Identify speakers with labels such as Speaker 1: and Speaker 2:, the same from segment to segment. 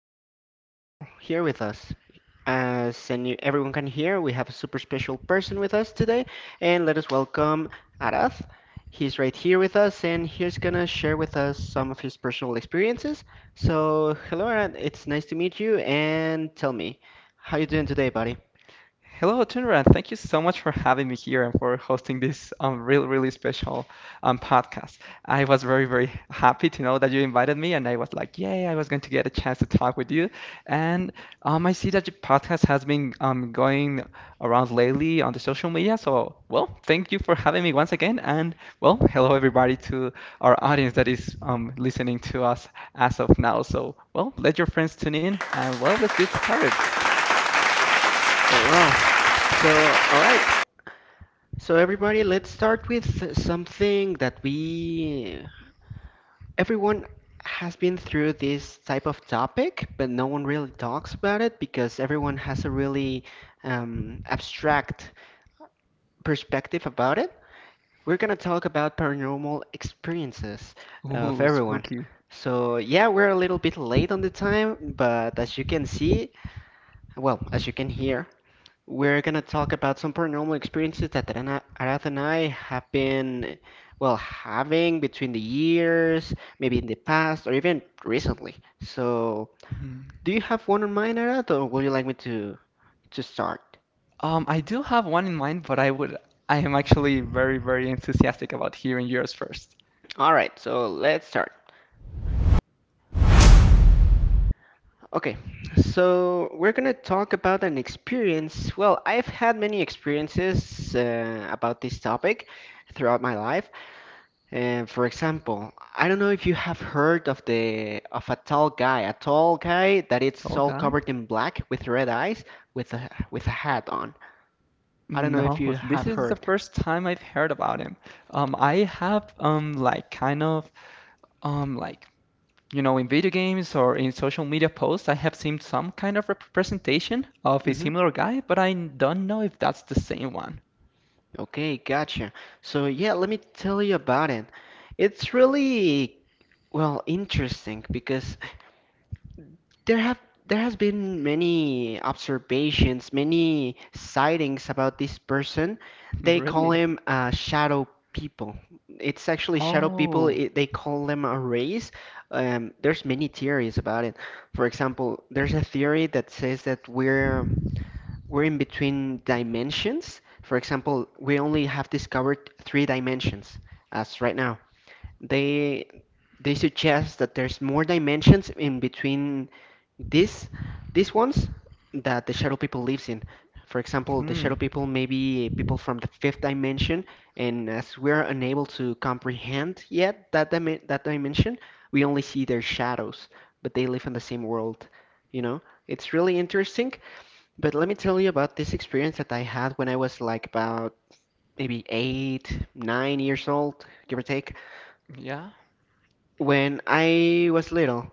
Speaker 1: nice to have you all here with us. Everyone can hear, we have a super special person with us today, and let us welcome Arath. He's right here with us, and he's gonna share with us some of his personal experiences. So, hello, Arath. It's nice to meet you, and tell me, how you doing today, buddy?
Speaker 2: Hello, Tunra. Thank you so much for having me here and for hosting this really, really special podcast. I was very, very happy to know that you invited me, and I was like, yay, I was going to get a chance to talk with you. And I see that your podcast has been going around lately on the social media. So, well, thank you for having me once again. And, well, hello, everybody, to our audience that is listening to us as of now. So, well, let your friends tune in, and, well, let's get started.
Speaker 1: Very well. So, all right. So everybody, let's start with something that we. Everyone has been through this type of topic, but no one really talks about it because everyone has a really abstract perspective about it. We're gonna talk about paranormal experiences of
Speaker 2: Ooh,
Speaker 1: everyone.
Speaker 2: spooky.
Speaker 1: So, yeah, we're a little bit late on the time, but as you can see, well, as you can hear, we're going to talk about some paranormal experiences that Arath and I have been, well, having between the years, maybe in the past, or even recently. So, do you have one in mind, Arath, or would you like me to start?
Speaker 2: I do have one in mind, but I am actually very, very enthusiastic about hearing yours first.
Speaker 1: All right, so let's start. Okay, so we're gonna talk about an experience. Well, I've had many experiences about this topic throughout my life. And for example, I don't know if you have heard of the of a tall guy, that it's
Speaker 2: Tall
Speaker 1: all
Speaker 2: guy?
Speaker 1: covered in black with red eyes, with a hat on. I don't know if
Speaker 2: No,
Speaker 1: you have
Speaker 2: this is the
Speaker 1: heard.
Speaker 2: first time I've heard about him. I have like kind of like in video games or in social media posts I have seen some kind of representation of a
Speaker 1: Hmm.
Speaker 2: similar guy, but I don't know if that's the same one.
Speaker 1: Okay, gotcha. So yeah, let me tell you about it. It's really well interesting because There have there has been many observations, many sightings about this person. They call
Speaker 2: Really?
Speaker 1: him shadow people. It's actually shadow people.
Speaker 2: Oh.
Speaker 1: They call them a race. There's many theories about it. For example, there's a theory that says that we're in between dimensions. For example, we only have discovered three dimensions as right now. They they suggest that there's more dimensions in between this, these ones that the shadow people lives in. For example, the
Speaker 2: Hmm.
Speaker 1: shadow people may be people from the fifth dimension, and as we're unable to comprehend yet that dimension, we only see their shadows, but they live in the same world. You know, it's really interesting. But let me tell you about this experience that I had when I was like about maybe eight, 9 years old, give or take.
Speaker 2: Yeah.
Speaker 1: When I was little,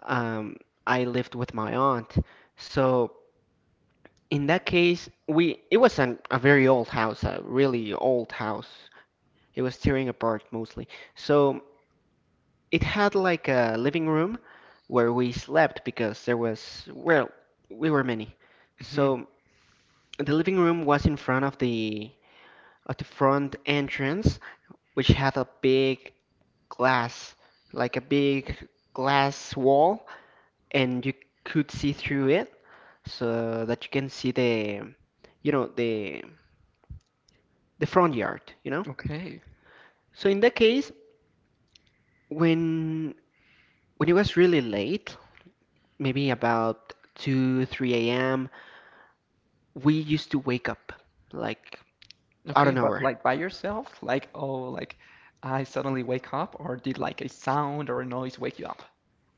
Speaker 1: um, I lived with my aunt, so. In that case, we it was a very old house, a really old house. It was tearing apart mostly. So it had like a living room where we slept because there was, well, we were many.
Speaker 2: Hmm.
Speaker 1: So the living room was in front of the front entrance, which had a big glass, like a big glass wall, and you could see through it so that you can see the, you know, the front yard, you know?
Speaker 2: Okay.
Speaker 1: So in that case, when when it was really late, maybe about 2, 3 a.m., we used to wake up like out
Speaker 2: Okay,
Speaker 1: of
Speaker 2: but
Speaker 1: nowhere.
Speaker 2: like by yourself? Like, oh, like I suddenly wake up, or did like a sound or a noise wake you up?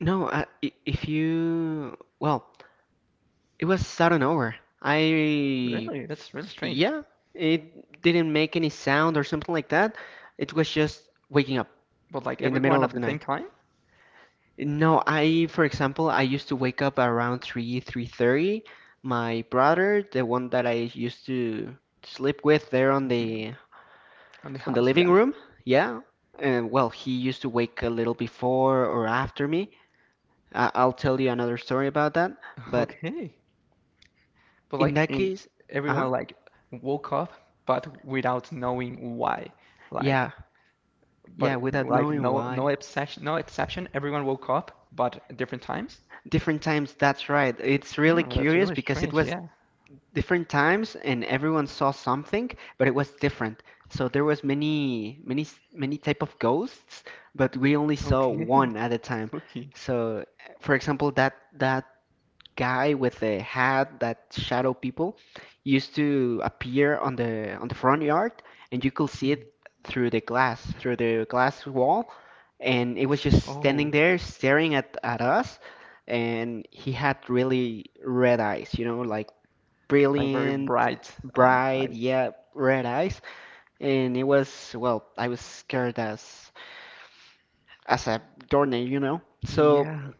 Speaker 1: No, if you, well, it was out of nowhere. I,
Speaker 2: Really? That's really strange.
Speaker 1: yeah, it didn't make any sound or something like that. It was just waking up
Speaker 2: But like
Speaker 1: in the
Speaker 2: everyone
Speaker 1: middle
Speaker 2: at
Speaker 1: of
Speaker 2: the
Speaker 1: the night.
Speaker 2: same time?
Speaker 1: No, I, for example, I used to wake up around 3, 3:30. My brother, the one that I used to sleep with there
Speaker 2: Mhm. On the
Speaker 1: on the
Speaker 2: house,
Speaker 1: living
Speaker 2: yeah.
Speaker 1: room, yeah. Well, he used to wake a little before or after me. I'll tell you another story about that, but
Speaker 2: Okay. But
Speaker 1: in
Speaker 2: like
Speaker 1: that
Speaker 2: in
Speaker 1: case, uh-huh.
Speaker 2: everyone like woke up, but without knowing why. Like,
Speaker 1: Yeah. Yeah,
Speaker 2: but
Speaker 1: without
Speaker 2: like
Speaker 1: knowing
Speaker 2: no
Speaker 1: why.
Speaker 2: exception, no exception. Everyone woke up, but at different times.
Speaker 1: Different times, that's right. It's really
Speaker 2: Hmm, that's
Speaker 1: curious
Speaker 2: really
Speaker 1: because it
Speaker 2: strange.
Speaker 1: was
Speaker 2: Yeah.
Speaker 1: different times and everyone saw something, but it was different, so there was many many type of ghosts, but we only saw
Speaker 2: Okay.
Speaker 1: one at a time.
Speaker 2: Spooky.
Speaker 1: So for example, that guy with the hat, that shadow people, used to appear on the front yard, and you could see it
Speaker 2: Hmm.
Speaker 1: through the glass wall, and it was just standing
Speaker 2: Oh.
Speaker 1: there staring at us, and he had really red eyes, you know, like
Speaker 2: Like very
Speaker 1: brilliant,
Speaker 2: bright
Speaker 1: bright,
Speaker 2: eyes.
Speaker 1: yeah, red eyes, and it was, well, I was scared as a doornail, you know. So
Speaker 2: Yeah.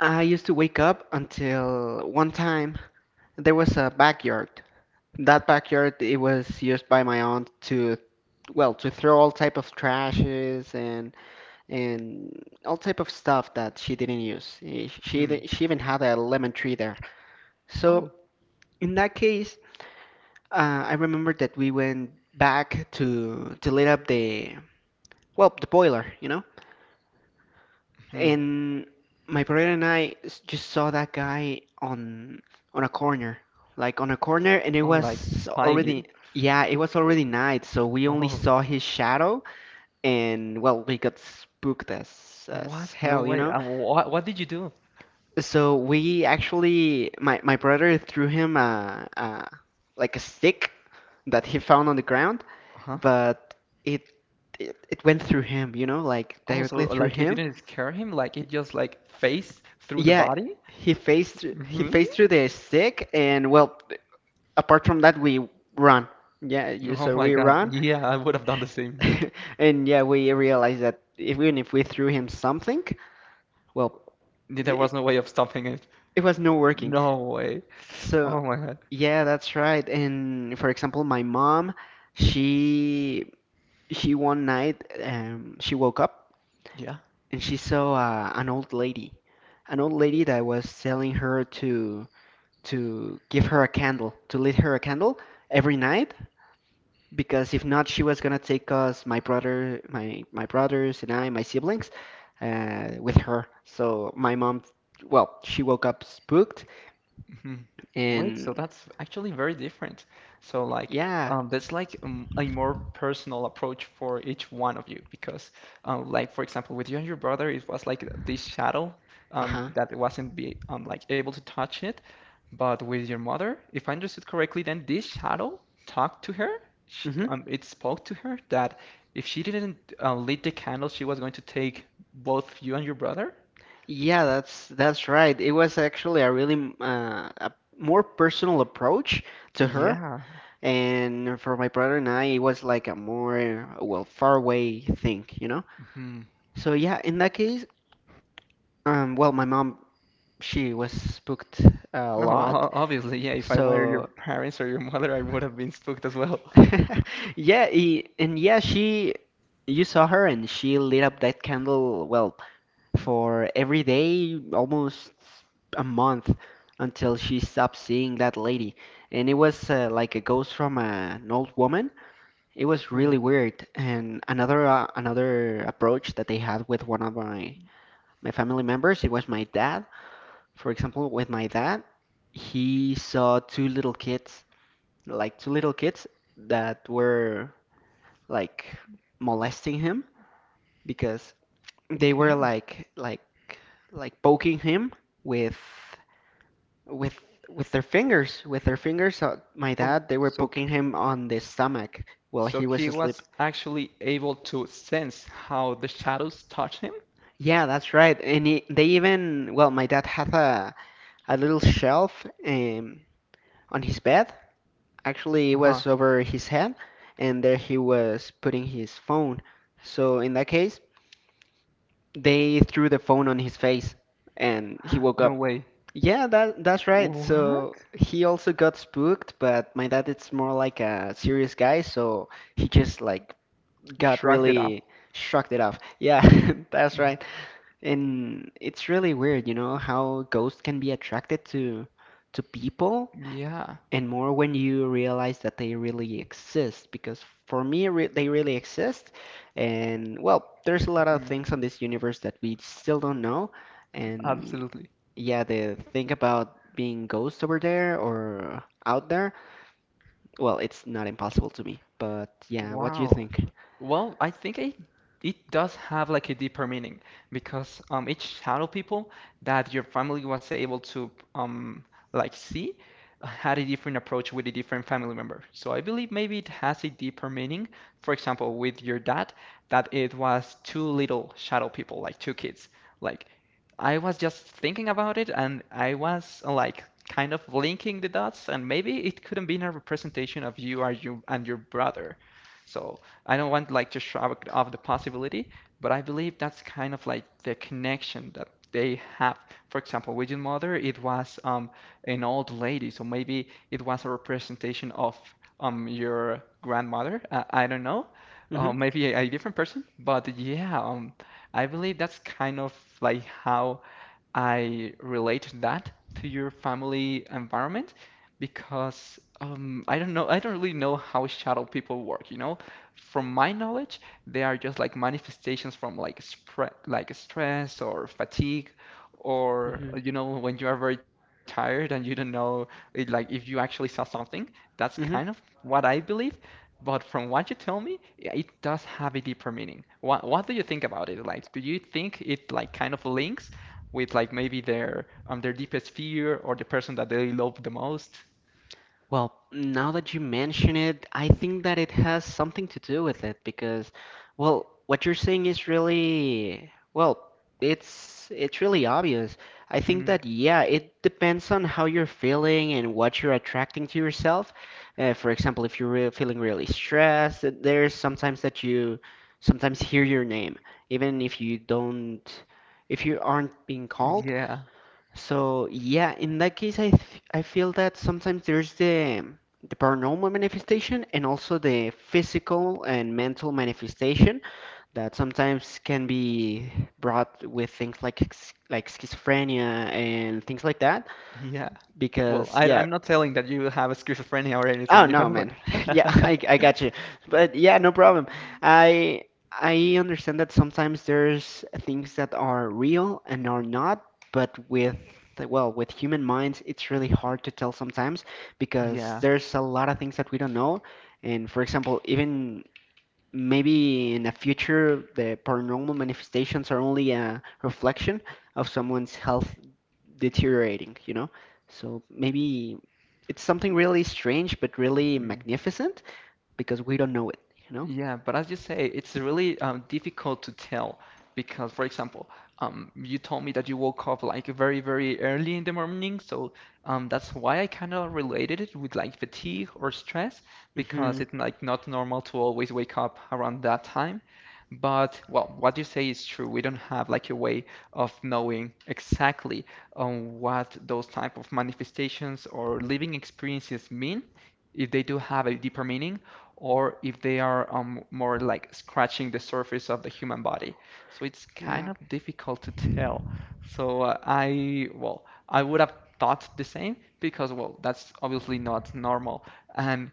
Speaker 1: I used to wake up until one time there was a backyard. That backyard, it was used by my aunt to, well, to throw all type of trashes and and all type of stuff that she didn't use. She
Speaker 2: Hmm.
Speaker 1: she even had a lemon tree there. So
Speaker 2: Oh.
Speaker 1: in that case, I remember that we went back to light up the, well, the boiler, you know,
Speaker 2: Hmm.
Speaker 1: and my brother and just saw that guy on a corner, like on a corner, and it
Speaker 2: Oh, like
Speaker 1: was
Speaker 2: spying
Speaker 1: already,
Speaker 2: you.
Speaker 1: yeah, it was already night, so we only
Speaker 2: Oh.
Speaker 1: saw his shadow, and well, we got spooked as
Speaker 2: What? No
Speaker 1: hell, you
Speaker 2: way.
Speaker 1: know.
Speaker 2: What? What did you do?
Speaker 1: So we actually, my brother threw him a, like a stick that he found on the ground,
Speaker 2: Huh?
Speaker 1: but it, it went through him, you know, like
Speaker 2: Oh, so
Speaker 1: directly through
Speaker 2: like it
Speaker 1: him.
Speaker 2: didn't scare him. Like it just like phased through the
Speaker 1: Yeah,
Speaker 2: body.
Speaker 1: he
Speaker 2: Really?
Speaker 1: faced through the stick, and well, apart from that, we run. Yeah, you-
Speaker 2: Oh
Speaker 1: so
Speaker 2: my
Speaker 1: we
Speaker 2: God.
Speaker 1: run,
Speaker 2: Yeah, I would have done the same.
Speaker 1: and yeah, we realized that if, even if we threw him something, well,
Speaker 2: There
Speaker 1: the-
Speaker 2: was
Speaker 1: it,
Speaker 2: no way of stopping it.
Speaker 1: it was no working.
Speaker 2: No way.
Speaker 1: So,
Speaker 2: Oh my God.
Speaker 1: yeah, that's right. And for example, my mom, she she one night she woke up
Speaker 2: Yeah.
Speaker 1: and she saw an old lady that was telling her to give her a candle, to lit her a candle every night, because if not, she was gonna take us, my brother, my brothers and I, my siblings, with her. So my mom, well, she woke up spooked
Speaker 2: Mhm. Wait, so
Speaker 1: and
Speaker 2: that's actually very different. So like
Speaker 1: yeah,
Speaker 2: that's like a more personal approach for each one of you because like for example with you and your brother it was like this shadow
Speaker 1: uh-huh.
Speaker 2: that wasn't be like able to touch it. But with your mother, if I understood correctly, then this shadow talked to her.
Speaker 1: Hmm.
Speaker 2: It spoke to her that if she didn't lit the candle, she was going to take both you and your brother.
Speaker 1: Yeah, that's right. It was actually a really a more personal approach to her,
Speaker 2: Yeah.
Speaker 1: and for my brother and I, it was like a more, well, far away thing, you know? So yeah, in that case, well, my mom, she was spooked a
Speaker 2: No,
Speaker 1: lot,
Speaker 2: obviously, yeah. If I were your
Speaker 1: so
Speaker 2: parents or your mother, I would have been spooked as well.
Speaker 1: yeah, and yeah, she, you saw her, and she lit up that candle well for every day, almost a month, until she stopped seeing that lady. And it was like a ghost from an old woman. It was
Speaker 2: Hmm,
Speaker 1: really weird. And another another approach that they had with one of my family members, it was my dad. For example, with my dad, he saw two little kids, like two little kids that were like molesting him because they were
Speaker 2: okay.
Speaker 1: like poking him with with with their fingers. My
Speaker 2: Oh,
Speaker 1: dad, they were poking him on the stomach while
Speaker 2: so
Speaker 1: he was
Speaker 2: he
Speaker 1: asleep.
Speaker 2: was actually able to sense how the shadows touch him?
Speaker 1: Yeah, that's right. And they even, well, my dad had a little shelf, on his bed, actually it
Speaker 2: Huh.
Speaker 1: was over his head, and there he was putting his phone. So in that case, they threw the phone on his face and he woke
Speaker 2: No
Speaker 1: up.
Speaker 2: way.
Speaker 1: Yeah, that that's right. So
Speaker 2: What?
Speaker 1: he also got spooked, but my dad is more like a serious guy, so he just like got
Speaker 2: Shrugged it off.
Speaker 1: really shocked it off. Yeah, that's right. And it's really weird, you know, how ghosts can be attracted to people,
Speaker 2: Yeah.
Speaker 1: and more when you realize that they really exist, because for me, re they really exist, and well, there's a lot of
Speaker 2: Mhm.
Speaker 1: things on this universe that we still don't know, and
Speaker 2: Absolutely.
Speaker 1: yeah, the thing about being ghosts over there or out there, well, it's not impossible to me, but yeah, what do you
Speaker 2: Wow.
Speaker 1: think?
Speaker 2: Well, I think it does have like a deeper meaning because each shadow people that your family was able to like see had a different approach with a different family member. So I believe maybe it has a deeper meaning. For example, with your dad, that it was two little shadow people, like two kids. Like I was just thinking about it and I was like kind of linking the dots and maybe it couldn't be a representation of you or you and your brother. So I don't want like to shrug off the possibility, but I believe that's kind of like the connection that they have. For example, with your mother, it was an old lady, so maybe it was a representation of your grandmother. I don't know,
Speaker 1: Hmm.
Speaker 2: maybe a different person, but yeah, I believe that's kind of like how I relate that to your family environment because I don't know, I don't really know how shadow people work, you know? From my knowledge, they are just like manifestations from like spread like stress or fatigue or
Speaker 1: Hmm.
Speaker 2: when you are very tired and you don't know it, like if you actually saw something. That's kind of
Speaker 1: Hmm.
Speaker 2: what I believe, but from what you tell me, yeah, it does have a deeper meaning. What do you think about it? Like, do you think it like kind of links with like maybe their deepest fear or the person that they love the most.
Speaker 1: Well, now that you mention it, I think that it has something to do with it because, well, what you're saying is really, well, it's really obvious. I think
Speaker 2: Mhm.
Speaker 1: that yeah, it depends on how you're feeling and what you're attracting to yourself. For example, if you're re feeling really stressed, there's sometimes that you sometimes hear your name, even if you don't, if you aren't being called.
Speaker 2: Yeah,
Speaker 1: So yeah, in that case, I feel that sometimes there's the paranormal manifestation and also the physical and mental manifestation that sometimes can be brought with things like like schizophrenia and things like that.
Speaker 2: yeah. Well,
Speaker 1: Because
Speaker 2: I,
Speaker 1: yeah,
Speaker 2: I'm not telling that you have a schizophrenia or
Speaker 1: oh
Speaker 2: anything,
Speaker 1: no,
Speaker 2: but
Speaker 1: man. Yeah, I got you. But yeah, no problem. I I understand that sometimes there's things that are real and are not, but with, well, with human minds, it's really hard to tell sometimes because
Speaker 2: yeah.
Speaker 1: there's a lot of things that we don't know. And for example, even maybe in the future the paranormal manifestations are only a reflection of someone's health deteriorating, you know? So maybe it's something really strange but really magnificent because we don't know it, you know?
Speaker 2: Yeah, but as you say, it's really difficult to tell because, for example, you told me that you woke up like very, very early in the morning, so that's why I kind of related it with like fatigue or stress because
Speaker 1: Hmm.
Speaker 2: it's like not normal to always wake up around that time. But well, what you say is true. We don't have like a way of knowing exactly what those type of manifestations or living experiences mean if they do have a deeper meaning or if they are more like scratching the surface of the human body. So it's kind
Speaker 1: Yeah.
Speaker 2: of difficult to tell. So well, I would have thought the same because, well, that's obviously not normal. And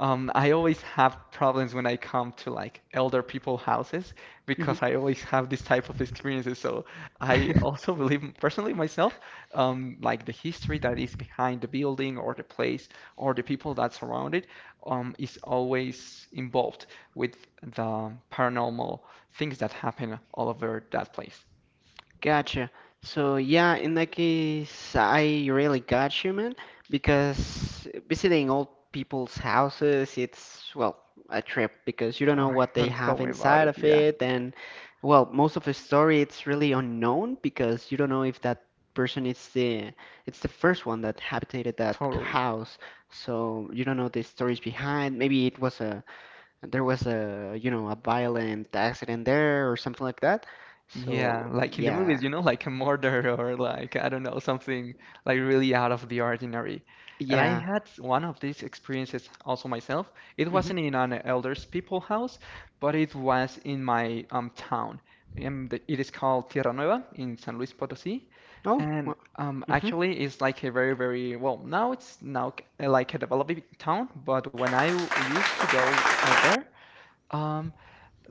Speaker 2: I always have problems when I come to like elder people houses
Speaker 1: Hmm.
Speaker 2: because I always have this type of experiences. So I also believe personally myself, like the history that is behind the building or the place or the people that surround it, is always involved with the paranormal things that happen all over that place.
Speaker 1: Gotcha. So yeah, in that case, I really got you, man, because visiting old people's houses, it's, well, a trip because you don't know
Speaker 2: Oh,
Speaker 1: what they
Speaker 2: don't tell
Speaker 1: have
Speaker 2: me about
Speaker 1: inside
Speaker 2: it.
Speaker 1: of
Speaker 2: Yeah,
Speaker 1: it, and well, most of the story it's really unknown because you don't know if that person is the it's the first one that habitated that
Speaker 2: totally.
Speaker 1: house, so you don't know the stories behind. Maybe it was a there was a you know a violent accident there or something like that.
Speaker 2: Yeah,
Speaker 1: So
Speaker 2: like in the
Speaker 1: yeah.
Speaker 2: movies, you know, like a murder or like I don't know, something like really out of the ordinary. And I
Speaker 1: Yeah.
Speaker 2: had one of these experiences also myself. It
Speaker 1: Mm-hmm.
Speaker 2: wasn't in an elders people house, but it was in my town. It is called Tierra Nueva in San Luis Potosí,
Speaker 1: Oh. Wow.
Speaker 2: and
Speaker 1: Mm-hmm.
Speaker 2: actually it's like a very very well now like a developing town, but when used to go out there. Um,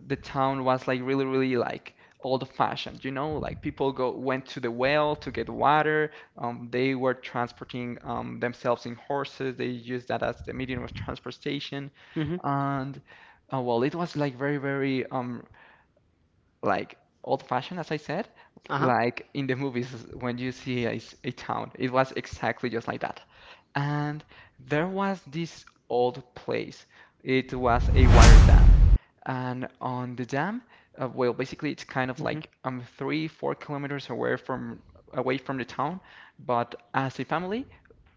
Speaker 2: the town was like really, really like old fashioned, you know, like people go went to the well to get water. They were transporting themselves in horses. They used that as the medium of transportation.
Speaker 1: Mm-hmm.
Speaker 2: And well, it was like very, very like old fashioned, as I said,
Speaker 1: Uh-huh.
Speaker 2: like in the movies when you see a town. It was exactly just like that. And there was this old place. It was a water dam. And on the dam, well, basically it's kind of
Speaker 1: Mm-hmm.
Speaker 2: like 3, 4 kilometers away from the town. But as a family,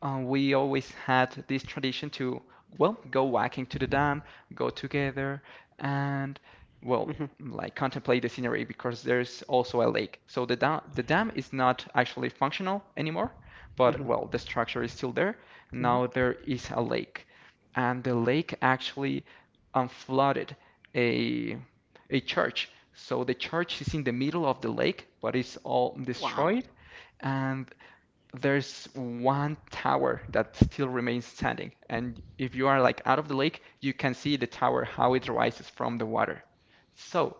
Speaker 2: we always had this tradition to, well, go walking to the dam, go together, and well,
Speaker 1: Mm-hmm.
Speaker 2: like contemplate the scenery because there's also a lake. So the dam is not actually functional anymore, but
Speaker 1: Mm-hmm.
Speaker 2: well, the structure is still there.
Speaker 1: Mm-hmm.
Speaker 2: Now there is a lake, and the lake actually flooded a a church. So the church is in the middle of the lake, but it's all
Speaker 1: Wow.
Speaker 2: destroyed, and there's one tower that still remains standing. And if you are like out of the lake, you can see the tower how it rises from the water. So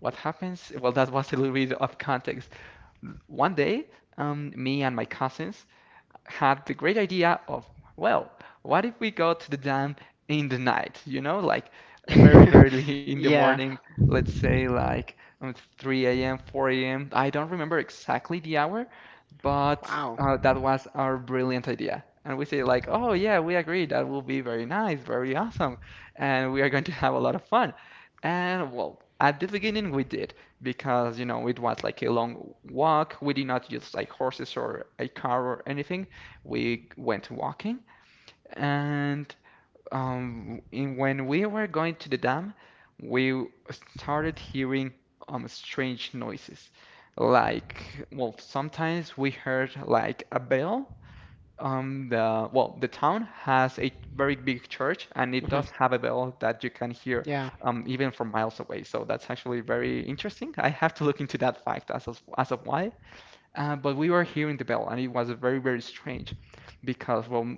Speaker 2: what happens? Well, that was a little bit of context. One day, me and my cousins had the great idea of, well, what if we go to the dam in the night? You know, like very, very early in the
Speaker 1: Yeah.
Speaker 2: morning, let's say like um, 3 a.m., 4 a.m. I don't remember exactly the hour, but
Speaker 1: Wow.
Speaker 2: that was our brilliant idea. And we say like, oh yeah, we agree. That will be very nice, very awesome, and we are going to have a lot of fun. And well, at the beginning we did because you know it was like a long walk. We did not use like horses or a car or anything. We went walking, and when we were going to the dam, we started hearing strange noises. Like, well, sometimes we heard like a bell. The well, the town has a very big church, and it
Speaker 1: Mm-hmm.
Speaker 2: does have a bell that you can hear
Speaker 1: Yeah.
Speaker 2: even from miles away. So that's actually very interesting. I have to look into that fact as of why. But we were hearing the bell, and it was very, very strange because, well,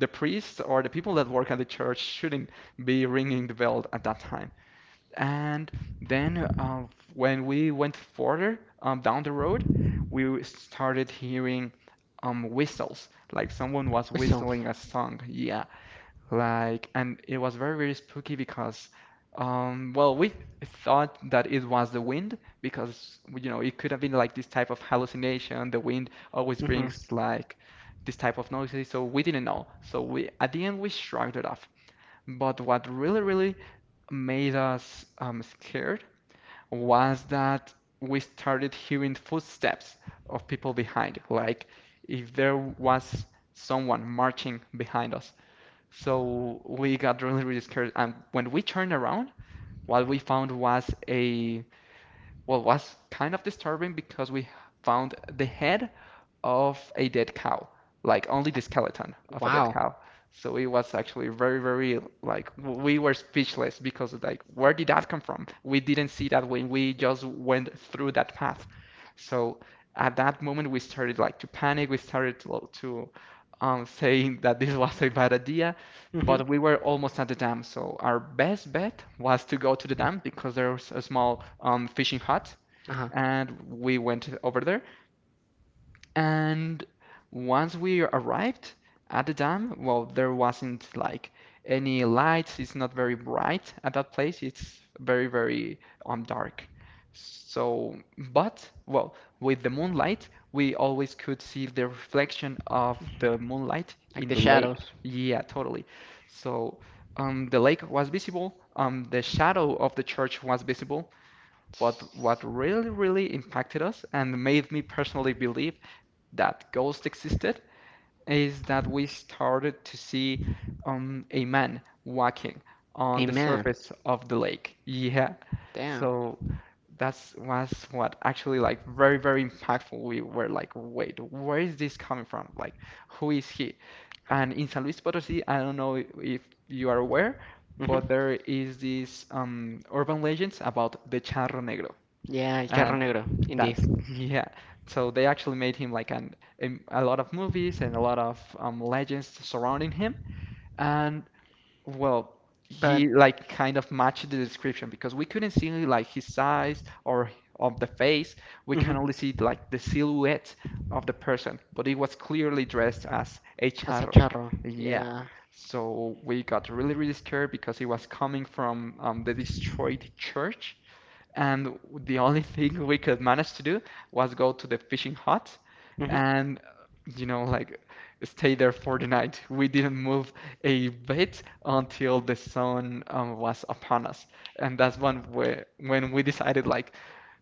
Speaker 2: the priests or the people that work at the church shouldn't be ringing the bell at that time. And then, when we went further down the road, we started hearing whistles, like someone was
Speaker 1: Whistle.
Speaker 2: whistling a song. Yeah. Like, and it was very, very spooky because, well, we thought that it was the wind because, you know, it could have been like this type of hallucination. The wind always
Speaker 1: Mm-hmm.
Speaker 2: brings like this type of noises, so we didn't know. So we, at the end, we shrugged it off. But what really, really made us scared was that we started hearing footsteps of people behind, like if there was someone marching behind us. So we got really, really scared. And when we turned around, what we found was a well, was kind of disturbing because we found the head of a dead cow, like only the skeleton of a dead
Speaker 1: Wow.
Speaker 2: cow. So it was actually very, very like we were speechless because like where did that come from? We didn't see that when we just went through that path. So at that moment we started like to panic. We started to saying that this was a bad idea,
Speaker 1: Mm-hmm.
Speaker 2: but we were almost at the dam. So our best bet was to go to the dam because there was a small fishing hut,
Speaker 1: Uh-huh.
Speaker 2: and we went over there. And once we arrived at the dam, well, there wasn't like any lights. It's not very bright at that place. It's very, very dark. So, but well, with the moonlight, we always could see the reflection of the moonlight
Speaker 1: Like
Speaker 2: in
Speaker 1: the
Speaker 2: the lake.
Speaker 1: shadows.
Speaker 2: Yeah, totally. So, the lake was visible. The shadow of the church was visible, but what really, really impacted us and made me personally believe that ghosts existed is that we started to see a man walking on the
Speaker 1: Amen.
Speaker 2: surface of the lake. Yeah.
Speaker 1: Damn.
Speaker 2: So that's was what actually like very, very impactful. We were like, wait, where is this coming from? Like, who is he? And in San Luis Potosí, I don't know if you are aware, but
Speaker 1: Mm-hmm.
Speaker 2: there is this urban legends about the charro negro.
Speaker 1: Yeah,
Speaker 2: And
Speaker 1: charro negro, indeed.
Speaker 2: that's yeah. So they actually made him like an a lot of movies and a lot of legends surrounding him. And well, he
Speaker 1: But
Speaker 2: like kind of matched the description because we couldn't see like his size or of the face. We
Speaker 1: mm-hmm.
Speaker 2: can only see like the silhouette of the person, but he was clearly dressed as a
Speaker 1: As a
Speaker 2: charro.
Speaker 1: charro.
Speaker 2: Yeah.
Speaker 1: Yeah.
Speaker 2: So we got really, really scared because he was coming from the destroyed church and the only thing we could manage to do was go to the fishing hut
Speaker 1: Mm-hmm.
Speaker 2: and, you know, like stay there for the night. We didn't move a bit until the sun was upon us. And that's when we decided, like,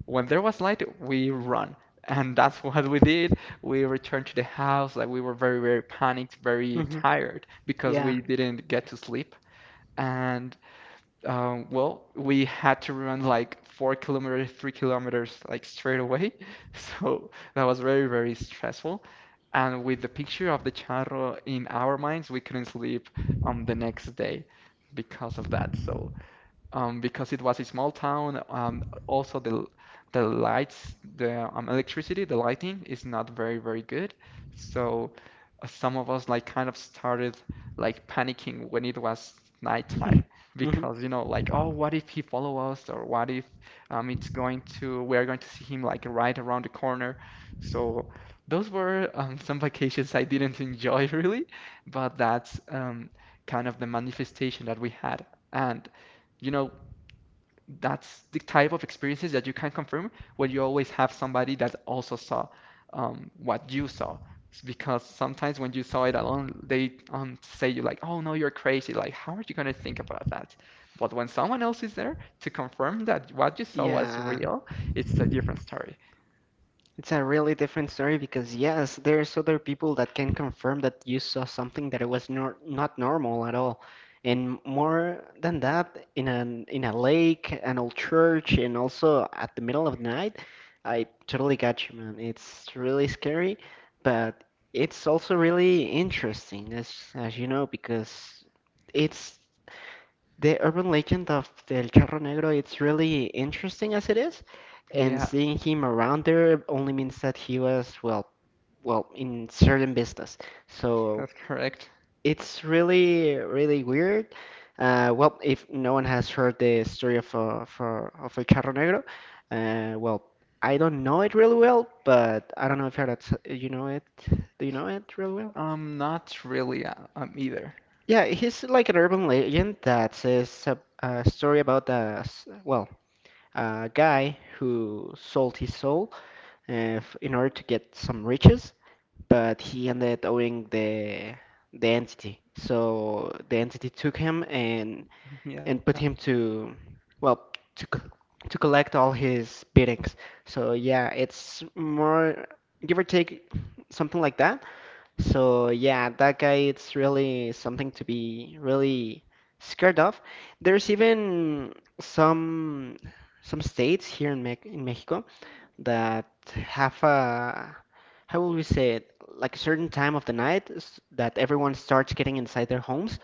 Speaker 2: when there was light, we run. And that's what we did. We returned to the house. Like, we were very, very panicked, very
Speaker 1: Mm-hmm.
Speaker 2: tired because
Speaker 1: Yeah.
Speaker 2: we didn't get to sleep. And. Well, we had to run like 4 kilometers, 3 kilometers, like straight away. So that was very, very stressful. And with the picture of the charro in our minds, we couldn't sleep on the next day because of that. So because it was a small town. Also, the lights, the electricity, the lighting is not very, very good. So some of us like kind of started like panicking when it was nighttime
Speaker 1: Mm-hmm.
Speaker 2: because you know like oh what if he follow us or what if it's going to we are going to see him like right around the corner. So those were some vacations I didn't enjoy really, but that's kind of the manifestation that we had. And you know, that's the type of experiences that you can confirm when you always have somebody that also saw what you saw. Because sometimes when you saw it alone, they say you like, "Oh no, you're crazy." Like, how are you gonna think about that? But when someone else is there to confirm that what you saw was
Speaker 1: Yeah.
Speaker 2: real, it's a different story.
Speaker 1: It's a really different story because yes, there's other people that can confirm that you saw something that it was nor not normal at all. And more than that, in an in a lake, an old church, and also at the middle of the night, I totally got you, man. It's really scary, but it's also really interesting, as you know, because it's the urban legend of El Charro Negro, it's really interesting as it is, and
Speaker 2: Yeah,
Speaker 1: seeing him around there only means that he was, well, well, in certain business. So
Speaker 2: that's correct.
Speaker 1: it's really, really weird. Well, if no one has heard the story of of El Charro Negro, well, I don't know it really well, but I don't know if that's, you know it. Do you know it really well?
Speaker 2: Not really, either.
Speaker 1: Yeah, he's like an urban legend that says a story about well, a guy who sold his soul in order to get some riches, but he ended up owing the entity. So the entity took him
Speaker 2: Yeah,
Speaker 1: and put him to well to c- to collect all his biddings. So yeah, it's more give or take something like that. So yeah, that guy, it's really something to be really scared of. There's even some some states here in Me in Mexico that have a how will we say it? Like a certain time of the night that everyone starts getting inside their homes.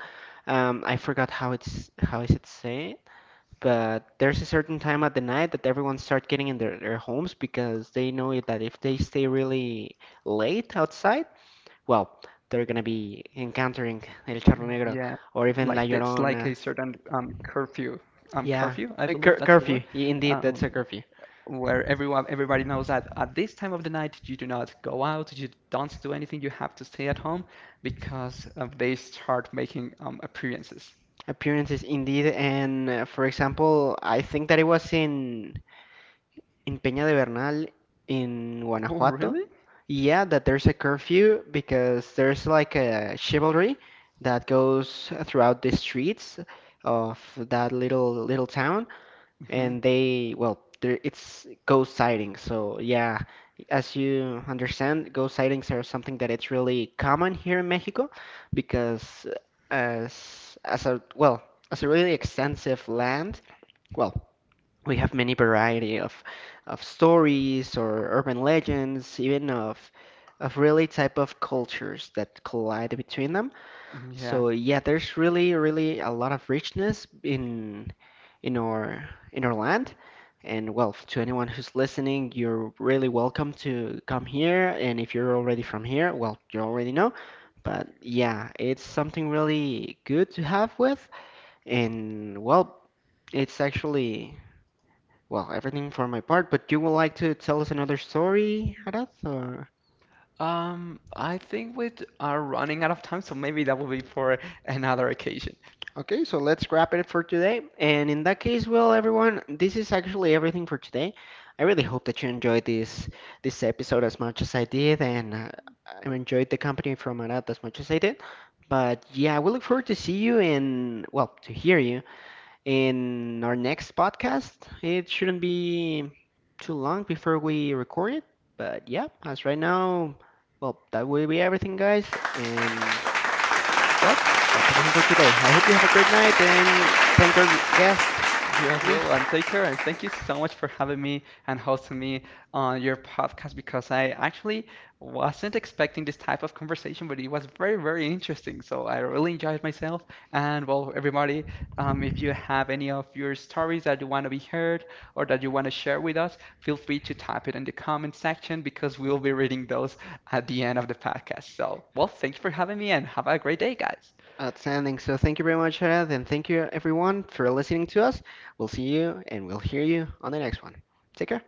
Speaker 1: I forgot how it's how is it said, but there's a certain time at the night that everyone start getting in their homes because they know it that if they stay really late outside well, they're gonna be encountering El Charro Negro
Speaker 2: yeah, like
Speaker 1: or
Speaker 2: that's
Speaker 1: even La
Speaker 2: like a certain
Speaker 1: Llorona.
Speaker 2: curfew, I
Speaker 1: Yeah,
Speaker 2: believe that's the word.
Speaker 1: curfew. Yeah, indeed,
Speaker 2: Um,
Speaker 1: that's a curfew.
Speaker 2: where everyone everybody knows that at this time of the night you do not go out, you don't do anything, you have to stay at home because they start making appearances.
Speaker 1: Appearances, indeed, and for example, I think that it was in Peña de Bernal in
Speaker 2: Oh,
Speaker 1: Guanajuato.
Speaker 2: really?
Speaker 1: Yeah, that there's a curfew because there's like a chivalry that goes throughout the streets of that little town,
Speaker 2: Hmm.
Speaker 1: and they well there it's ghost sightings so yeah, as you understand, ghost sightings are something that it's really common here in Mexico because as a well as a really extensive land well we have many variety of stories or urban legends even of really type of cultures that collide between them so
Speaker 2: Yeah.
Speaker 1: yeah, there's really, really a lot of richness in in our land. And well, to anyone who's listening, you're really welcome to come here. And if you're already from here, well, you already know. But yeah, it's something really good to have with. And well, it's actually well, everything for my part. But you would like to tell us another story, Arath, or?
Speaker 2: I think we are running out of time, so maybe that will be for another occasion.
Speaker 1: Okay, so let's wrap it for today. And in that case, well, everyone, this is actually everything for today. I really hope that you enjoyed this episode as much as I did, and I enjoyed the company from Anat as much as I did. But yeah, we look forward to see you in, well, to hear you in our next podcast. It shouldn't be too long before we record it. But yeah, as right now, well, that will be everything, guys, and well, that's everything for today. I hope you have a great night and thank our guest,
Speaker 2: You as well,
Speaker 1: please.
Speaker 2: and take care. And thank you so much for having me and hosting me on your podcast because I actually wasn't expecting this type of conversation, but it was very, very interesting. So I really enjoyed myself. And well, everybody, if you have any of your stories that you want to be heard or that you want to share with us, feel free to type it in the comment section because we'll be reading those at the end of the podcast. So, well, thank you for having me and have a great day, guys.
Speaker 1: Outstanding. So thank you very much, Harad, and thank you everyone for listening to us. We'll see you and we'll hear you on the next one. Take care.